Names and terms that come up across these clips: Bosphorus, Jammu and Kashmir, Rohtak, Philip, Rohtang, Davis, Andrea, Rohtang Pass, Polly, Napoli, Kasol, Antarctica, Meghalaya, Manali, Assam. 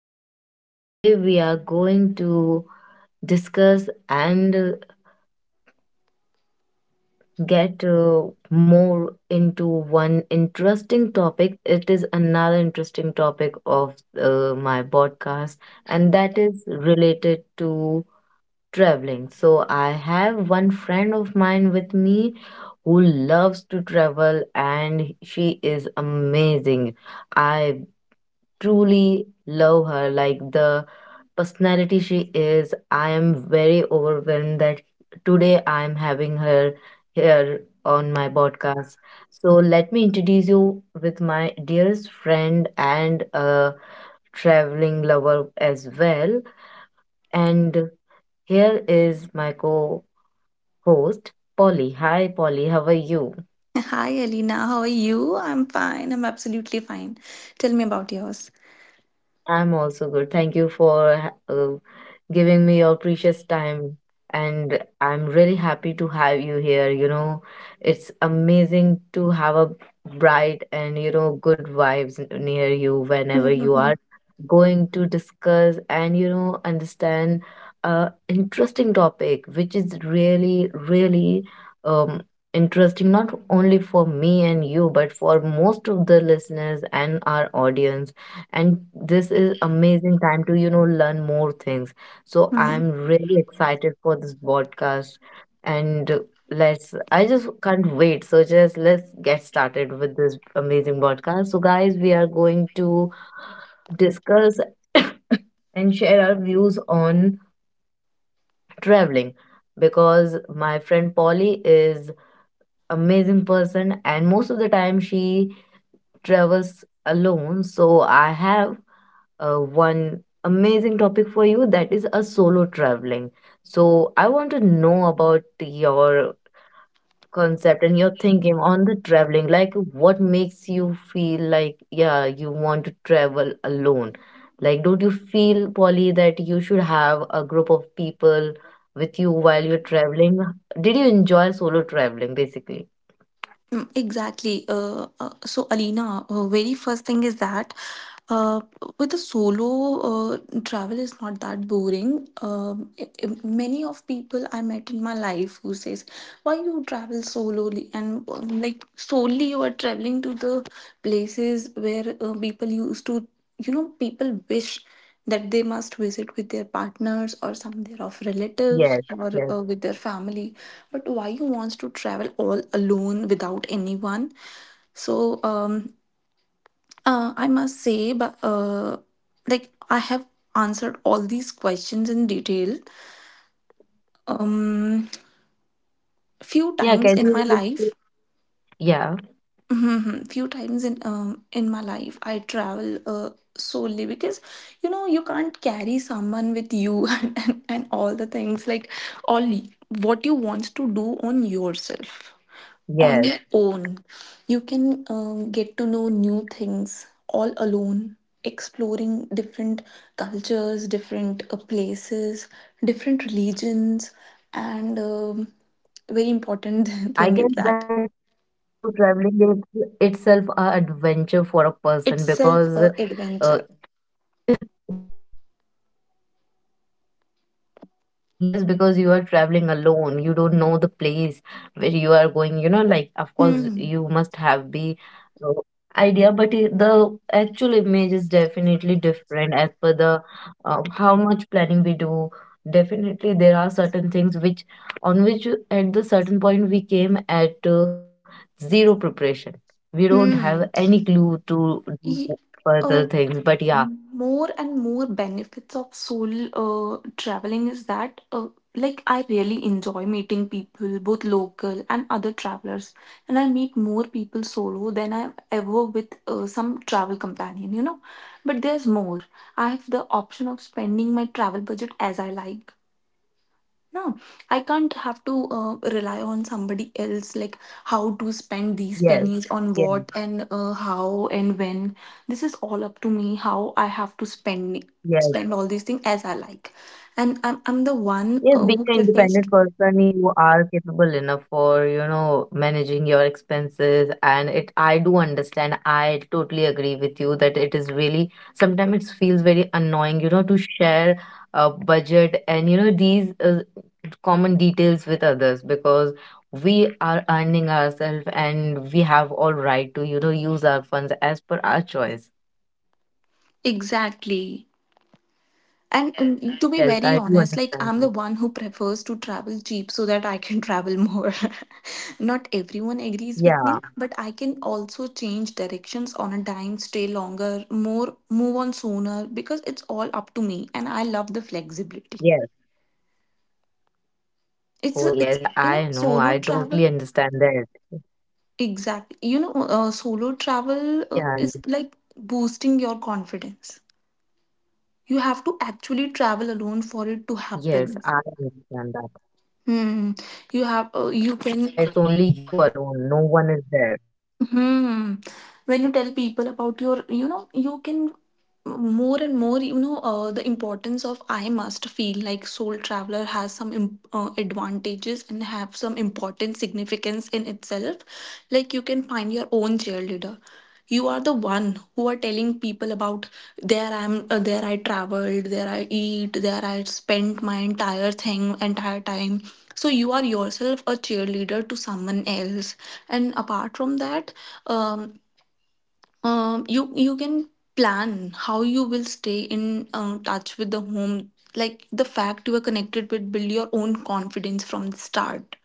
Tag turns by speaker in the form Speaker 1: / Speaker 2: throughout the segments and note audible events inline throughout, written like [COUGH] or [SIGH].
Speaker 1: And today we are going to discuss and get more into one interesting topic. It is another interesting topic of my podcast, and that is related to traveling. So I have one friend of mine with me who loves to travel and she is amazing. I truly love her like the personality she is. I am very overwhelmed that today I am having her here on my podcast. So let me introduce you with my dearest friend and a traveling lover as well. And here is my co host, Polly. Hi, Polly. How are you?
Speaker 2: Hi, Alina. How are you? I'm fine. I'm absolutely fine. Tell me about yours.
Speaker 1: I'm also good. Thank you for giving me your precious time. And I'm really happy to have you here. It's amazing to have a bright and good vibes near you whenever you
Speaker 2: Mm-hmm.
Speaker 1: are going to discuss and understand a interesting topic, which is really, really um, interesting, not only for me and you, but for most of the listeners and our audience, and this is amazing time to learn more things. So I'm really excited for this podcast. And let's I just can't wait. So just let's get started with this amazing podcast. So guys, we are going to discuss [COUGHS] and share our views on traveling, because my friend Polly is amazing person and most of the time she travels alone. So I have one amazing topic for you, that is a solo traveling. So I want to know about your concept and your thinking on the traveling. Like, what makes you feel like, yeah, you want to travel alone? Like, don't you feel, Polly, that you should have a group of people with you while you're traveling? Did you enjoy solo traveling, basically?
Speaker 2: Exactly. So, Alina, very first thing is that Uh, with a solo uh, travel is not that boring. Many of people I met in my life who says, "Why you travel solely?" And like solely, you are traveling to the places where people used to, you know, people wish that they must visit with their partners or some their relatives
Speaker 1: Yes,
Speaker 2: or
Speaker 1: yes.
Speaker 2: with their family. But why you wants to travel all alone without anyone? So um, I must say, but like I have answered all these questions in detail. Um, few
Speaker 1: Yeah,
Speaker 2: times
Speaker 1: can
Speaker 2: in
Speaker 1: you?
Speaker 2: my
Speaker 1: Just,
Speaker 2: life,
Speaker 1: yeah,
Speaker 2: Mhm. Few times in my life, I travel uh solely because you know you can't carry someone with you [LAUGHS] and all the things like all y- what you want to do on yourself. On your own.
Speaker 1: yes.
Speaker 2: You can get to know new things all alone, exploring different cultures, different places, different religions, and very important [LAUGHS] thing is that
Speaker 1: I guess that solo traveling is itself a adventure for a person,
Speaker 2: itself a
Speaker 1: because uh,
Speaker 2: adventure.
Speaker 1: [LAUGHS] yes, because you are traveling alone. You don't know the place where you are going. You know, like of course
Speaker 2: Hmm.
Speaker 1: you must have the uh, idea, but the actual image is definitely different as per the how much planning we do. Definitely, there are certain things which at the certain point we came at zero preparation. We don't have
Speaker 2: Hmm.
Speaker 1: any clue to do
Speaker 2: Y-
Speaker 1: further
Speaker 2: uh,
Speaker 1: things. But yeah,
Speaker 2: more and more benefits of solo traveling is that like I really enjoy meeting people both local and other travelers, and I meet more people solo than I ever with some travel companion, you know, but there's more. I have the option of spending my travel budget as I like. No, I can't have to rely on somebody else, like how to spend these
Speaker 1: yes,
Speaker 2: pennies
Speaker 1: yes,
Speaker 2: on what and how and when. This is all up to me, how I have to spend all
Speaker 1: yes.
Speaker 2: these things as I like. And I'm the one
Speaker 1: Yes,
Speaker 2: who
Speaker 1: being an
Speaker 2: prefers.
Speaker 1: independent person, you are capable enough for, you know, managing your expenses. And it, I do understand. I totally agree with you that it is really, sometimes it feels very annoying, you know, to share a budget and, you know, these common details with others, because we are earning ourselves and we have all right to, you know, use our funds as per our choice.
Speaker 2: Exactly. And to be very
Speaker 1: Yes, I
Speaker 2: honest,
Speaker 1: do
Speaker 2: like I'm the
Speaker 1: understand
Speaker 2: one
Speaker 1: you.
Speaker 2: who prefers to travel cheap so that I can travel more. [LAUGHS] Not everyone agrees with me,
Speaker 1: Yeah.
Speaker 2: but I can also change directions on a dime, stay longer, more move on sooner because it's all up to me, and I love the flexibility.
Speaker 1: Yes. Oh, yes.
Speaker 2: It's a,
Speaker 1: I
Speaker 2: it's
Speaker 1: know. I
Speaker 2: you know
Speaker 1: totally
Speaker 2: solo
Speaker 1: understand that.
Speaker 2: travel exactly. You know solo
Speaker 1: Yeah, yeah.
Speaker 2: travel is like boosting your confidence. You have to actually travel
Speaker 1: Yes,
Speaker 2: alone
Speaker 1: I
Speaker 2: for it to
Speaker 1: understand that.
Speaker 2: happen. Hmm.
Speaker 1: Yeah,
Speaker 2: You
Speaker 1: it's
Speaker 2: have
Speaker 1: only
Speaker 2: you
Speaker 1: you
Speaker 2: can
Speaker 1: alone. No one is there.
Speaker 2: Hmm. When you tell people about your, you know, you can more and more, you know, the importance of I must feel like Soul Traveler has some advantages and have some important significance in itself. Like you can find your own cheerleader. You are the one who are telling people about there I'm there I traveled, there I eat, there I spent my entire time. So you are yourself a cheerleader to someone else. And apart from that, um, you can plan how you will stay in touch with the home, like the fact you are connected with build your own confidence from the start.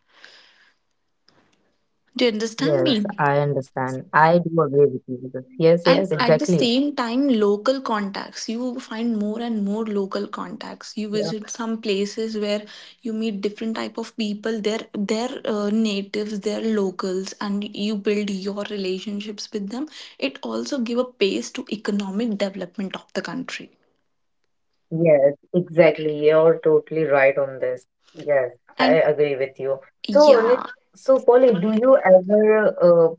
Speaker 2: Do you understand
Speaker 1: Yes,
Speaker 2: me?
Speaker 1: I understand. I do agree with you with this. Yes,
Speaker 2: And
Speaker 1: yes,
Speaker 2: at the
Speaker 1: exactly.
Speaker 2: same time, local
Speaker 1: Mhm.
Speaker 2: contacts. You find more and more local contacts. You
Speaker 1: Yeah.
Speaker 2: visit some places where you meet different type of people. They're natives, they're locals, and you build your relationships with them. It also give a pace to economic development of the country.
Speaker 1: Yes, exactly. You're totally right on this. Yes, I
Speaker 2: And
Speaker 1: agree with you. So, Nit,
Speaker 2: yeah,
Speaker 1: so Polly, do you ever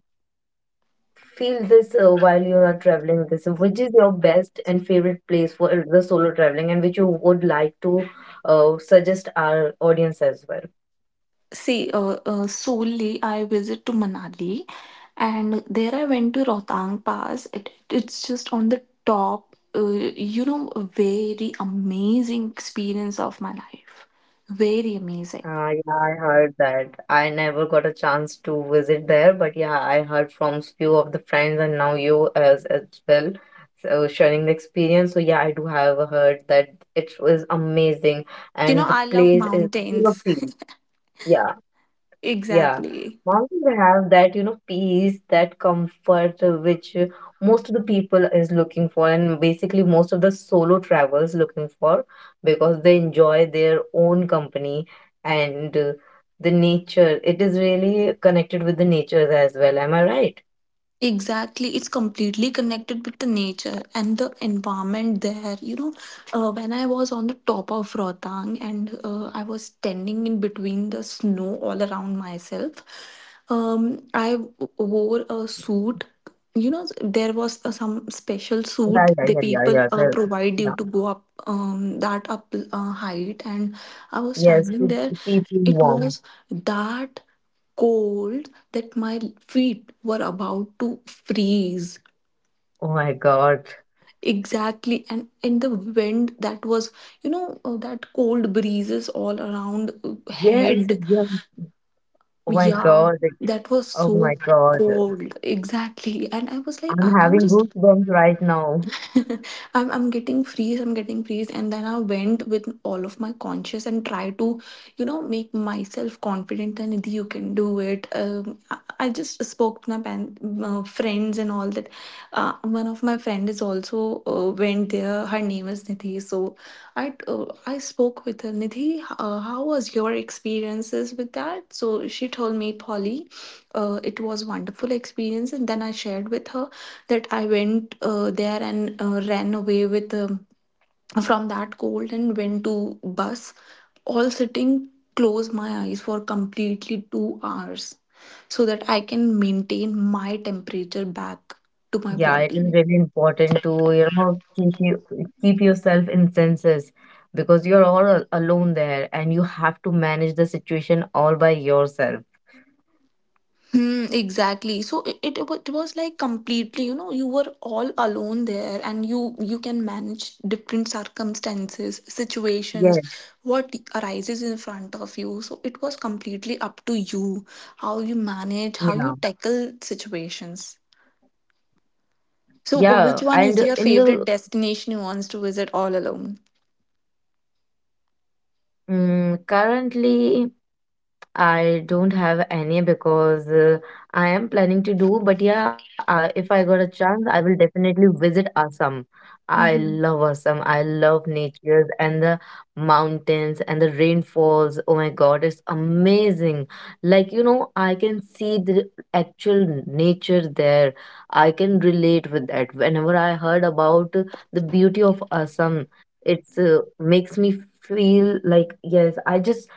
Speaker 1: feel this while you are traveling? This, which is your best and favorite place for the solo traveling, and which you would like to suggest our audience as well?
Speaker 2: see, solely I visit to Manali, and there I went to Rohtang Pass. It's just on the top. You know, a very amazing experience of my life. Very amazing.
Speaker 1: Yeah, I heard that. I never got a chance to visit there, but yeah, I heard from few of the friends and now you as well. So sharing the experience. So yeah, I do have heard that it was amazing and the
Speaker 2: You know, I
Speaker 1: place is
Speaker 2: love
Speaker 1: full of peace.
Speaker 2: mountains. [LAUGHS]
Speaker 1: Yeah. Yeah,
Speaker 2: Exactly.
Speaker 1: mountains have that, you know, peace, that comfort which most of the people is looking for, and basically most of the solo travelers looking for, because they enjoy their own company and the nature. It is really connected with the nature as well. Am I right?
Speaker 2: Exactly, it's completely connected with the nature and the environment there. You know, when I was on the top of Rotang, and I was standing in between the snow all around myself, wore a suit. You know, there was some special
Speaker 1: Yeah,
Speaker 2: suit
Speaker 1: yeah,
Speaker 2: the
Speaker 1: yeah, yeah,
Speaker 2: people
Speaker 1: yeah. The,
Speaker 2: provide you
Speaker 1: yeah.
Speaker 2: to go up that up height, and I was
Speaker 1: Yes,
Speaker 2: standing
Speaker 1: keep,
Speaker 2: there.
Speaker 1: keep you
Speaker 2: It
Speaker 1: warm.
Speaker 2: was that cold that my feet were about to freeze,
Speaker 1: Oh my God.
Speaker 2: exactly, and in the wind that was you know that cold breezes all around
Speaker 1: Yes,
Speaker 2: head.
Speaker 1: yes. Oh my
Speaker 2: Yeah,
Speaker 1: God.
Speaker 2: that was
Speaker 1: Oh
Speaker 2: so
Speaker 1: my God.
Speaker 2: cold, exactly. And I was like
Speaker 1: I'm
Speaker 2: I- I'm
Speaker 1: having
Speaker 2: just
Speaker 1: goosebumps right now.
Speaker 2: [LAUGHS] I'm getting freeze, I'm getting freeze. And then I went with all of my conscious and try to, you know, make myself confident that Nidhi, you can do it. I just spoke to my pan, friends and all that. One of my friend is also went there. Her name is Nidhi. So I spoke with her. Nidhi, how was your experiences with that? So she told me, Polly, it was wonderful experience. And then I shared with her that I went there and ran away with from that cold, and went to bus, all sitting close my eyes for completely 2 hours so that I can maintain my temperature back to my
Speaker 1: Yeah, it is
Speaker 2: body.
Speaker 1: really important to, you know, keep yourself in senses, because you're all alone there and you have to manage the situation all by yourself.
Speaker 2: Hmm, exactly. So it was like completely, you know, you were all alone there, and you can manage different circumstances, situations,
Speaker 1: Yes,
Speaker 2: what arises in front of you. So it was completely up to you how you manage, how you
Speaker 1: yeah.
Speaker 2: tackle situations. So
Speaker 1: Yeah,
Speaker 2: which one
Speaker 1: and
Speaker 2: is your
Speaker 1: in the
Speaker 2: favorite destination you wants to visit all alone?
Speaker 1: Mm, currently I don't have any, because I am planning to do, but yeah, if I got a chance, I will definitely visit Assam. I
Speaker 2: Mm-hmm.
Speaker 1: love Assam. I love nature and the mountains and the rainfalls. Oh my God, it's amazing. Like, you know, I can see the actual nature there. I can relate with that. Whenever I heard about the beauty of Assam, it's makes me feel like, yes,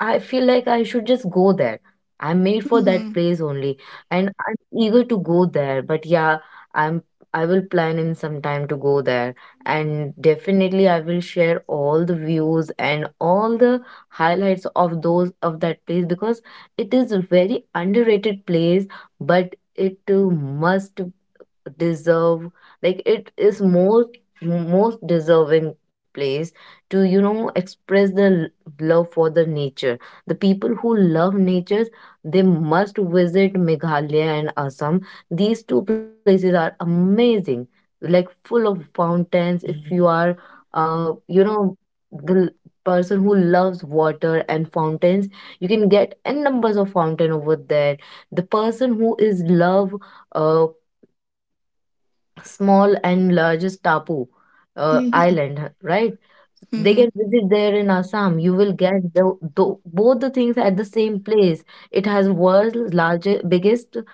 Speaker 1: I feel like I should just go there. I'm made for that
Speaker 2: Mm-hmm.
Speaker 1: place only, and I'm eager to go there. But yeah, I'm I will plan in some time to go there, and definitely I will share all the views and all the highlights of those of that place, because it is a very underrated place, but it must deserve, like it is most deserving place to, you know, express the love for the nature. The people who love nature, they must visit Meghalaya and Assam. These two places are amazing, like full of fountains. If you are you know the person who loves water and fountains, you can get N numbers of fountain over there. The person who is love uh small and largest Tapu
Speaker 2: Mm-hmm.
Speaker 1: island, right? They can
Speaker 2: Mm-hmm.
Speaker 1: visit there in Assam. You will get the both the things at the same place. It has world's largest, biggest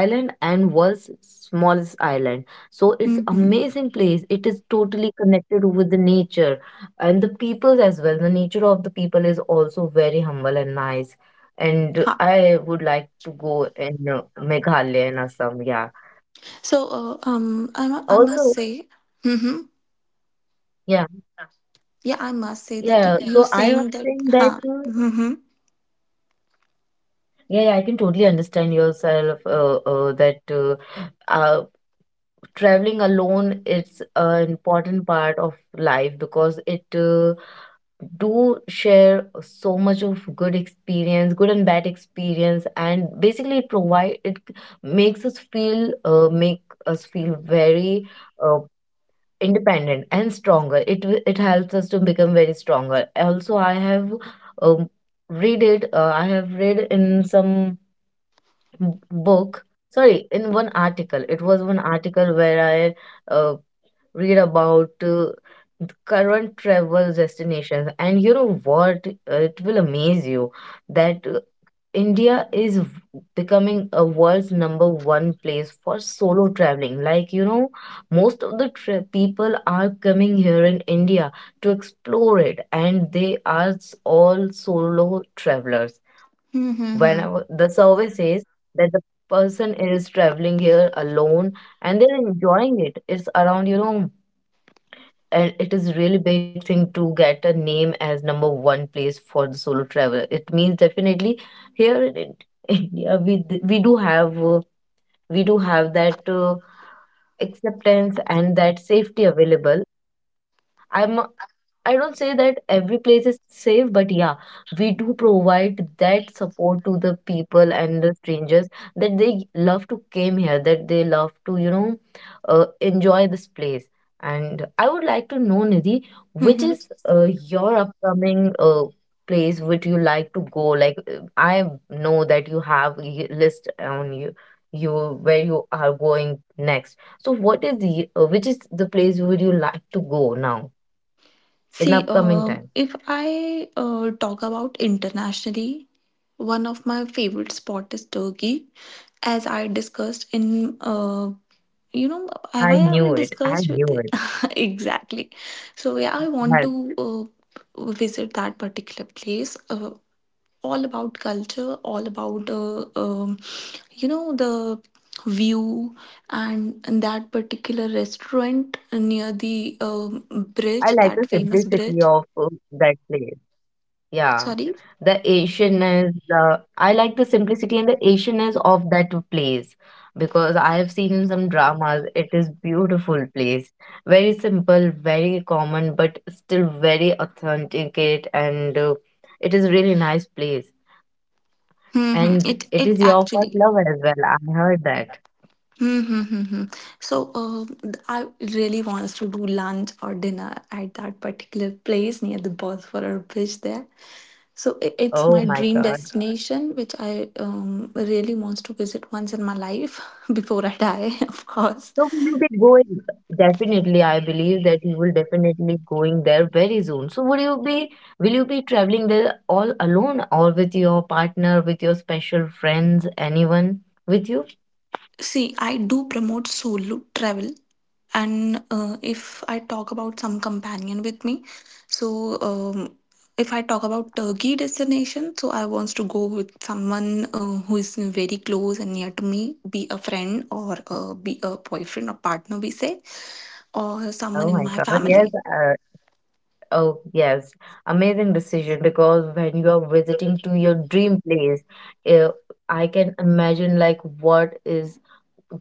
Speaker 1: island and world's smallest island. So it's
Speaker 2: Mm-hmm.
Speaker 1: amazing place. It is totally connected with the nature and the people as well. The nature of the people is also very humble and nice. And
Speaker 2: Ha.
Speaker 1: I would like to go in Meghalaya and Assam. Yeah.
Speaker 2: So I must
Speaker 1: Also,
Speaker 2: say mm-hmm.
Speaker 1: yeah.
Speaker 2: Yeah, I must say that you,
Speaker 1: Yeah,
Speaker 2: you
Speaker 1: so I am
Speaker 2: saying that.
Speaker 1: saying that
Speaker 2: Huh. Mm-hmm.
Speaker 1: yeah, yeah, I can totally understand yourself that uh, traveling alone it's an important part of life, because it do share so much of good experience, good and bad experience, and basically it makes us feel very uh, independent and stronger. It it helps us to become very stronger. Also, I have um, read it. I have read in some book. Sorry, in one article. It was one article where I read about current travel destinations, and you know what? It will amaze you that India is v- becoming a world's number one place for solo traveling. Like, you know, most of the people are coming here in India to explore it, and they are all solo travelers. Whenever the
Speaker 2: Mm-hmm.
Speaker 1: survey says that the person is traveling here alone and they're enjoying it, it's around, you know, and it is really big thing to get a name as number one place for the solo traveler. It means definitely here in [LAUGHS] India we do have that acceptance and that safety available. I'm, I don't say that every place is safe, but yeah, we do provide that support to the people and the strangers, that they love to came here, that they love to, you know, enjoy this place. And I would like to know, Nidhi, which
Speaker 2: Mm-hmm.
Speaker 1: is your upcoming place which you like to go? Like I know that you have a list on you, you where you are going next. So what is the which is the place would you like to go now? In
Speaker 2: See,
Speaker 1: upcoming time.
Speaker 2: if I talk about internationally, one of my favorite spot is Turkey, as I discussed in you know
Speaker 1: I
Speaker 2: have I
Speaker 1: knew
Speaker 2: ever
Speaker 1: it. I
Speaker 2: discussed
Speaker 1: knew
Speaker 2: with
Speaker 1: it.
Speaker 2: it? [LAUGHS] Exactly. So yeah, I want
Speaker 1: Yes.
Speaker 2: to visit that particular place. All about culture, all about you know the view, and that particular restaurant near the
Speaker 1: I like the
Speaker 2: bridge, that
Speaker 1: simplicity
Speaker 2: famous
Speaker 1: of
Speaker 2: bridge.
Speaker 1: that place. Yeah.
Speaker 2: Sorry,
Speaker 1: The Asianness, the I like the simplicity and the Asianness of that place, because I have seen in some dramas it is beautiful place. Very simple, very common, but still very authenticate and it is really nice place. And
Speaker 2: it
Speaker 1: it
Speaker 2: it
Speaker 1: is your first
Speaker 2: actually.
Speaker 1: love as well. I heard that.
Speaker 2: Mm-hmm. So, I really want us to do lunch or dinner at that particular place near the Bosphorus bridge there. So it's
Speaker 1: Oh
Speaker 2: my
Speaker 1: my
Speaker 2: dream
Speaker 1: God.
Speaker 2: destination, which I um, really wants to visit once in my life [LAUGHS] before I die, [LAUGHS] of course.
Speaker 1: So will you be going? Definitely, I believe that you will definitely going there very soon. So will you be traveling there all alone or with your partner, with your special friends, anyone with you?
Speaker 2: See, I do promote solo travel, and if I talk about some companion with me, so if I talk about Turkey destination, so I wants to go with someone who is very close and near to me, be a friend or be a boyfriend or partner, we say, or someone
Speaker 1: Oh
Speaker 2: in
Speaker 1: my
Speaker 2: my
Speaker 1: God, yes.
Speaker 2: family.
Speaker 1: Oh yes, amazing decision because when you are visiting to your dream place, uh, I can imagine like what is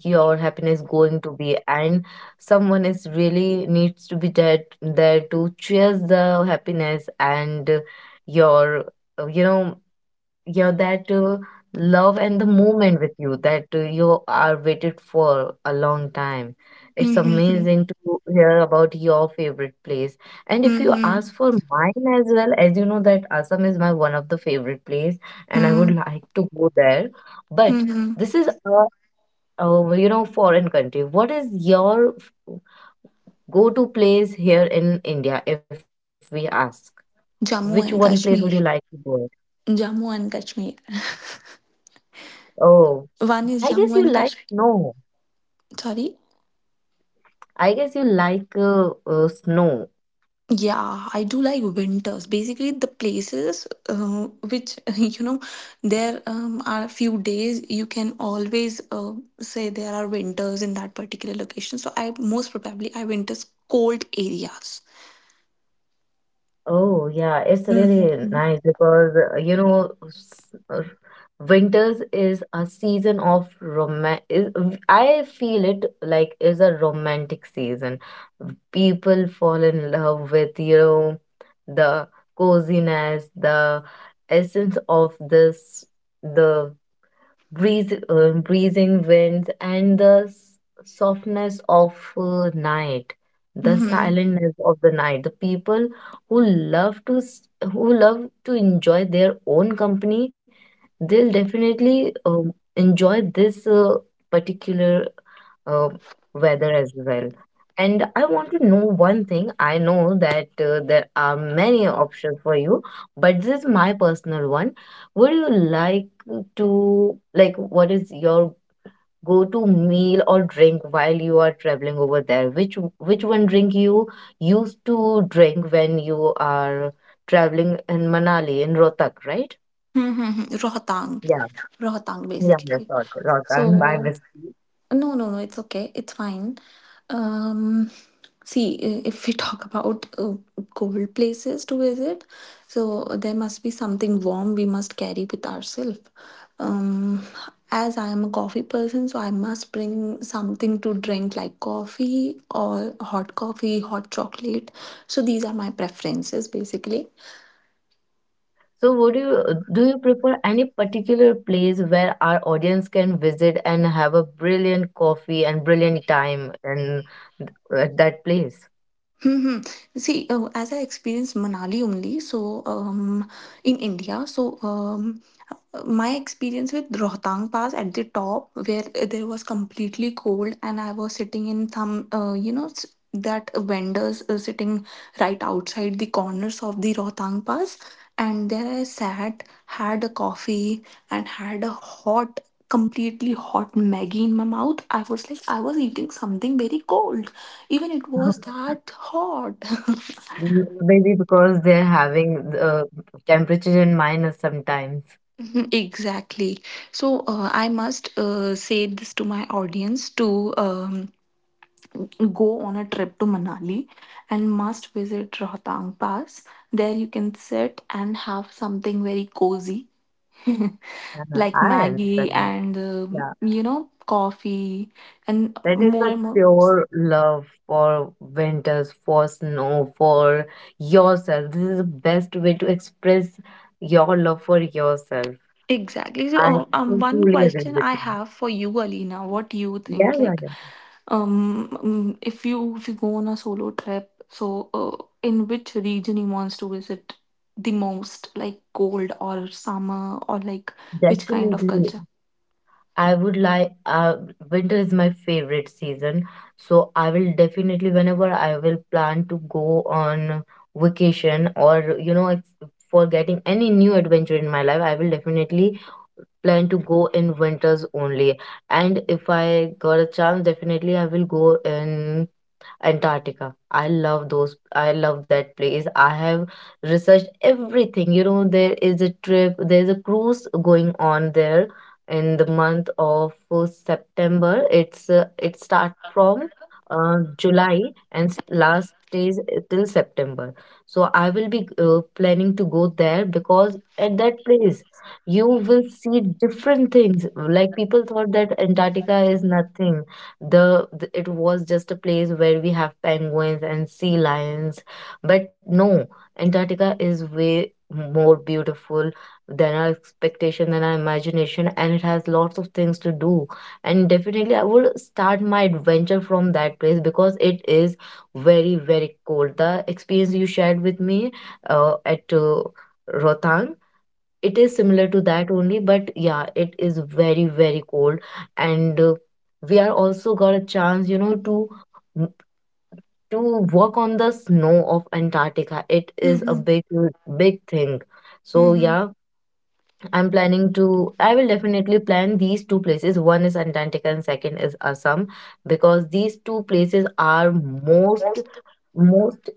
Speaker 1: your happiness going to be, and someone is really needs to be there to cheers the happiness and your uh, you know your that love and the moment with you that you are waited for a long time. It's
Speaker 2: Mm-hmm.
Speaker 1: amazing to hear about your favorite place. And if you
Speaker 2: Mm-hmm.
Speaker 1: ask for mine, as well as you know that Assam is my one of the favorite place, and I would like to go there, but
Speaker 2: Mhm.
Speaker 1: this is a foreign country. What is your f- Go-to place here in India, if we ask? Which
Speaker 2: Jammu
Speaker 1: one
Speaker 2: and
Speaker 1: place would you
Speaker 2: Kashmir.
Speaker 1: like to go?
Speaker 2: Jammu and Kashmir.
Speaker 1: Oh,
Speaker 2: One is
Speaker 1: I
Speaker 2: Jammu
Speaker 1: guess
Speaker 2: and
Speaker 1: you like
Speaker 2: Kashmir.
Speaker 1: snow.
Speaker 2: Sorry.
Speaker 1: I guess you like snow.
Speaker 2: Yeah, I do like winters. Basically, the places which [LAUGHS] you know there are few days you can always say there are winters in that particular location. So I most probably I winters cold areas.
Speaker 1: Oh, yeah, it's really
Speaker 2: Mm-hmm.
Speaker 1: nice because winters is a season of romance. I feel it like is a romantic season. People fall in love with, you know, the coziness, the essence of this, the breeze, breezing winds, and softness of night, the
Speaker 2: Mm-hmm.
Speaker 1: silentness of the night. The people who love to s- who love to enjoy their own company, they'll definitely enjoy this particular uh, weather as well. And I want to know one thing. I know that there are many options for you, but this is my personal one. Would you like to, like, what is your go-to meal or drink while you are traveling over there? Which one drink you used to drink when you are traveling in Manali, in Rohtak, right?
Speaker 2: Mm-hmm. Rohtang,
Speaker 1: Yeah,
Speaker 2: Rohtang
Speaker 1: yeah, yeah,
Speaker 2: basically.
Speaker 1: sorry,
Speaker 2: So
Speaker 1: Rohtak, my mistake.
Speaker 2: no, no, no, it's okay. It's fine. Um, see, if we [LAUGHS] talk about cold places to visit, so there must be something warm we must carry with ourselves. Um, as I am a coffee person, so I must bring something to drink like coffee or hot coffee, hot chocolate. So these are my preferences basically.
Speaker 1: So would you do you prefer any particular place where our audience can visit and have a brilliant coffee and brilliant time in at that place?
Speaker 2: Mm-hmm. See, as I experienced Manali only, so in India, so my experience with Rohtang Pass at the top, where there was completely cold, and I was sitting in some, you know, that vendors sitting right outside the corners of the Rohtang Pass, and there I sat, had a coffee, and had a hot, completely hot Maggie in my mouth. I was like, I was eating something very cold, even it was
Speaker 1: [LAUGHS]
Speaker 2: that hot. [LAUGHS]
Speaker 1: Maybe because they're having the temperature in minus sometimes.
Speaker 2: [LAUGHS] Mhm, exactly. So I must say this to my audience to go on a trip to Manali and must visit Rohtang Pass. There you can sit and have something very cozy [LAUGHS] like
Speaker 1: I
Speaker 2: Maggie
Speaker 1: understand.
Speaker 2: and
Speaker 1: Yeah,
Speaker 2: you know coffee and
Speaker 1: that is
Speaker 2: more
Speaker 1: a
Speaker 2: and more.
Speaker 1: pure love for winters, for snow, for yourself. This is the best way to express your love for yourself.
Speaker 2: Exactly. So,
Speaker 1: I
Speaker 2: one
Speaker 1: truly agree
Speaker 2: question
Speaker 1: with
Speaker 2: I
Speaker 1: you.
Speaker 2: have for you, Alina. What do you
Speaker 1: Yeah,
Speaker 2: think?
Speaker 1: yeah,
Speaker 2: Like,
Speaker 1: yeah.
Speaker 2: if you go on a solo trip, so in which region you wants to visit the most, like cold or summer, or like which kind of
Speaker 1: Definitely.
Speaker 2: culture?
Speaker 1: I would like Winter is my favorite season. So I will definitely, whenever I will plan to go on vacation or for getting any new adventure in my life, I will definitely plan to go in winters only. And if I got a chance, definitely I will go in Antarctica. I love those. I love that place. I have researched everything. You know, there is a trip, there's a cruise going on there in the month of September. It's it start from July and last stays till September. So I will be planning to go there because at that place you will see different things. Like people thought that Antarctica is nothing. The, the It was just a place where we have penguins and sea lions, but no, Antarctica is way more beautiful than our expectation, than our imagination, and it has lots of things to do. And definitely I would start my adventure from that place because it is very, very cold. The experience you shared with me at Rohtang, it is similar to that only, but yeah, it is very, very cold. And we are also got a chance, you know, m- to walk on the snow of Antarctica. It is a
Speaker 2: Mm-hmm.
Speaker 1: big, big thing. So
Speaker 2: Mm-hmm.
Speaker 1: yeah, I'm planning to, I will definitely plan these two places. One is Antarctica and second is Assam because these two places are most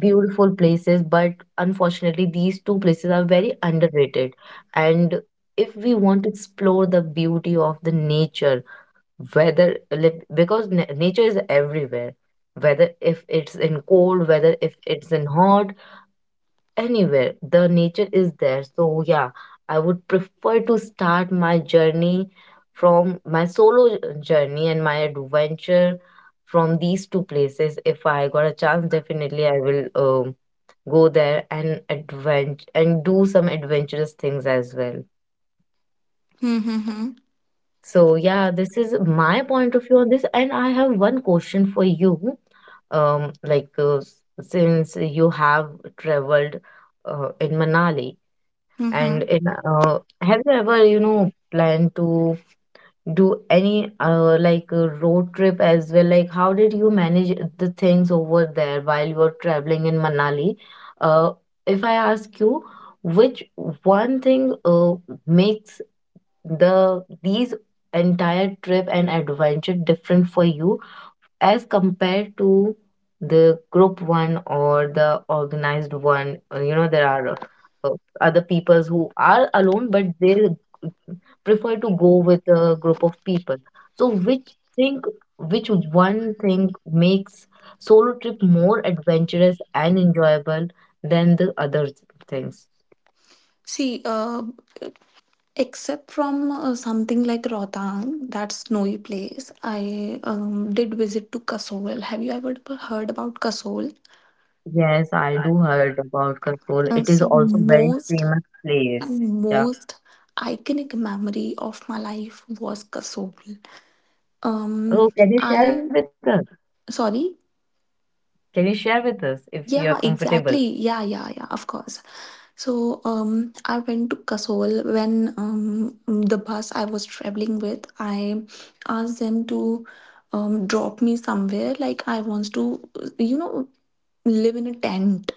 Speaker 1: beautiful places, but unfortunately, these two places are very underrated. And if we want to explore the beauty of the nature, whether like, because nature is everywhere, whether if it's in cold, whether if it's in hot, anywhere, the nature is there. So, yeah, I would prefer to start my journey from my solo journey and my adventure from these two places. If I got a chance, definitely I will go there and advent and do some adventurous things as well.
Speaker 2: Mm-hmm.
Speaker 1: So yeah, this is my point of view on this, and I have one question for you. Um, like uh, s- since you have traveled in Manali, and
Speaker 2: Mm-hmm.
Speaker 1: in have you ever, you know, planned to do any road trip as well, like how did you manage the things over there while you were traveling in Manali? uh, if I ask you, which one thing makes these entire trip and adventure different for you as compared to the group one or the organized one? You know, there are uh, other peoples who are alone but they prefer to go with a group of people. So which thing, which one thing makes solo trip more adventurous and enjoyable than the other things?
Speaker 2: See, except from something like Rohtang, that snowy place, I did visit to Kasol. Have you ever heard about Kasol?
Speaker 1: Yes, I do heard about Kasol. It is
Speaker 2: So
Speaker 1: also very
Speaker 2: most
Speaker 1: famous
Speaker 2: and
Speaker 1: place. Yeah.
Speaker 2: most iconic memory of my life was Kasobel.
Speaker 1: Oh,
Speaker 2: Um,
Speaker 1: can you share
Speaker 2: I
Speaker 1: with us?
Speaker 2: sorry.
Speaker 1: Can you share with us if you are
Speaker 2: Yeah,
Speaker 1: comfortable?
Speaker 2: exactly. Yeah, yeah, yeah. Of course. So, I went to Kasol when the bus I was traveling with. I asked them to drop me somewhere. Like I wants to, you know, live in a tent,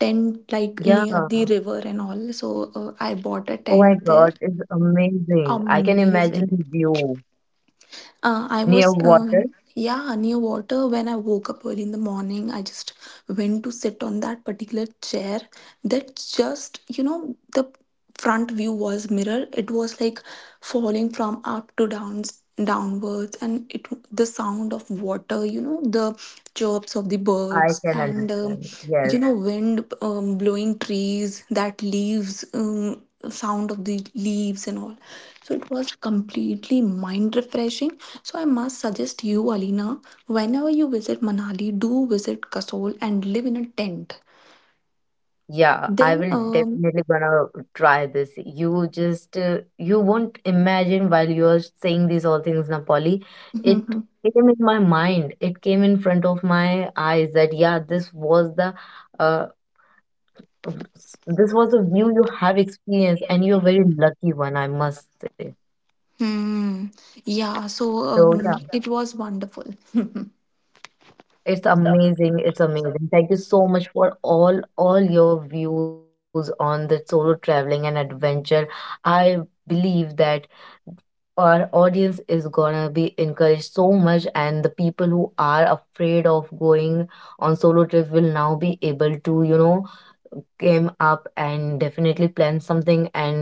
Speaker 2: tent like
Speaker 1: Yeah.
Speaker 2: near
Speaker 1: Oh
Speaker 2: the river and all. So I bought a
Speaker 1: my
Speaker 2: tent
Speaker 1: God,
Speaker 2: there
Speaker 1: it's amazing. I can imagine
Speaker 2: amazing
Speaker 1: the view near water.
Speaker 2: Yeah, near water when I woke up early in the morning. I just went to sit on that particular chair that just, you know, the front view was mirror. It was like falling from up to downs downwards, and it the sound of water, you know, the chirps of the
Speaker 1: I
Speaker 2: birds,
Speaker 1: can
Speaker 2: and
Speaker 1: understand. Yes.
Speaker 2: you know wind blowing trees that leaves, sound of the leaves and all. So it was completely mind refreshing. So I must suggest you, Alina, whenever you visit Manali, do visit Kasol and live in a tent.
Speaker 1: Yeah, I
Speaker 2: Then,
Speaker 1: will
Speaker 2: um,
Speaker 1: definitely gonna try this. You just you won't imagine while you are saying these all things, Napoli. It
Speaker 2: [LAUGHS]
Speaker 1: came in my mind. It came in front of my eyes that yeah, uh this was the view you have experienced, and you're very lucky one, I must say.
Speaker 2: hmm, yeah.
Speaker 1: So
Speaker 2: So
Speaker 1: yeah.
Speaker 2: it was wonderful. [LAUGHS]
Speaker 1: It's amazing. It's amazing. Thank you so much for all your views on the solo traveling and adventure. I believe that our audience is gonna be encouraged so much, and the people who are afraid of going on solo trip will now be able to, you know, came up and definitely plan something and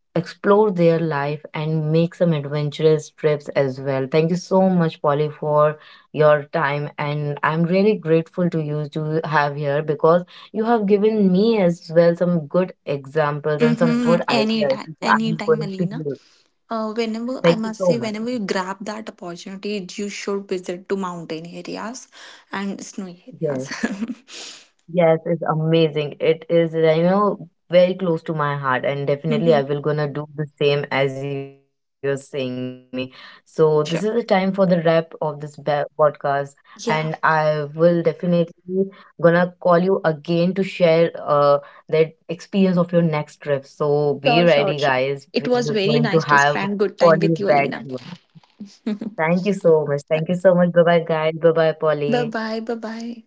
Speaker 1: explore their life and make some adventurous trips as well. Thank you so much, Polly, for your time. And I'm really grateful to you to have here because you have given me as well some good examples and some
Speaker 2: Mm-hmm.
Speaker 1: good ideas
Speaker 2: Anytime,
Speaker 1: which I'm
Speaker 2: anytime,
Speaker 1: going to
Speaker 2: Alina.
Speaker 1: use.
Speaker 2: Whenever I
Speaker 1: Thank you
Speaker 2: must say,
Speaker 1: so much.
Speaker 2: whenever you grab that opportunity, you should visit to mountain areas and snowy
Speaker 1: Yes.
Speaker 2: areas.
Speaker 1: Yes, it's amazing. It is, you know, very close to my heart, and
Speaker 2: [LAUGHS]
Speaker 1: definitely
Speaker 2: hmm.
Speaker 1: I will gonna do the same as you're saying me. So this is the time for the
Speaker 2: Sure.
Speaker 1: wrap of podcast, and I
Speaker 2: Yeah.
Speaker 1: will definitely gonna call you again to share that experience of your next trip. So be
Speaker 2: Sure.
Speaker 1: ready,
Speaker 2: Sure. Sure.
Speaker 1: guys.
Speaker 2: It was
Speaker 1: We're
Speaker 2: very
Speaker 1: going to
Speaker 2: nice to
Speaker 1: have
Speaker 2: spend good time
Speaker 1: Polly
Speaker 2: with you,
Speaker 1: back
Speaker 2: Alina.
Speaker 1: here. Thank you so much. Thank you
Speaker 2: [LAUGHS]
Speaker 1: so much. Bye bye, guys. Bye bye,
Speaker 2: Bye
Speaker 1: Polly.
Speaker 2: bye. Bye bye.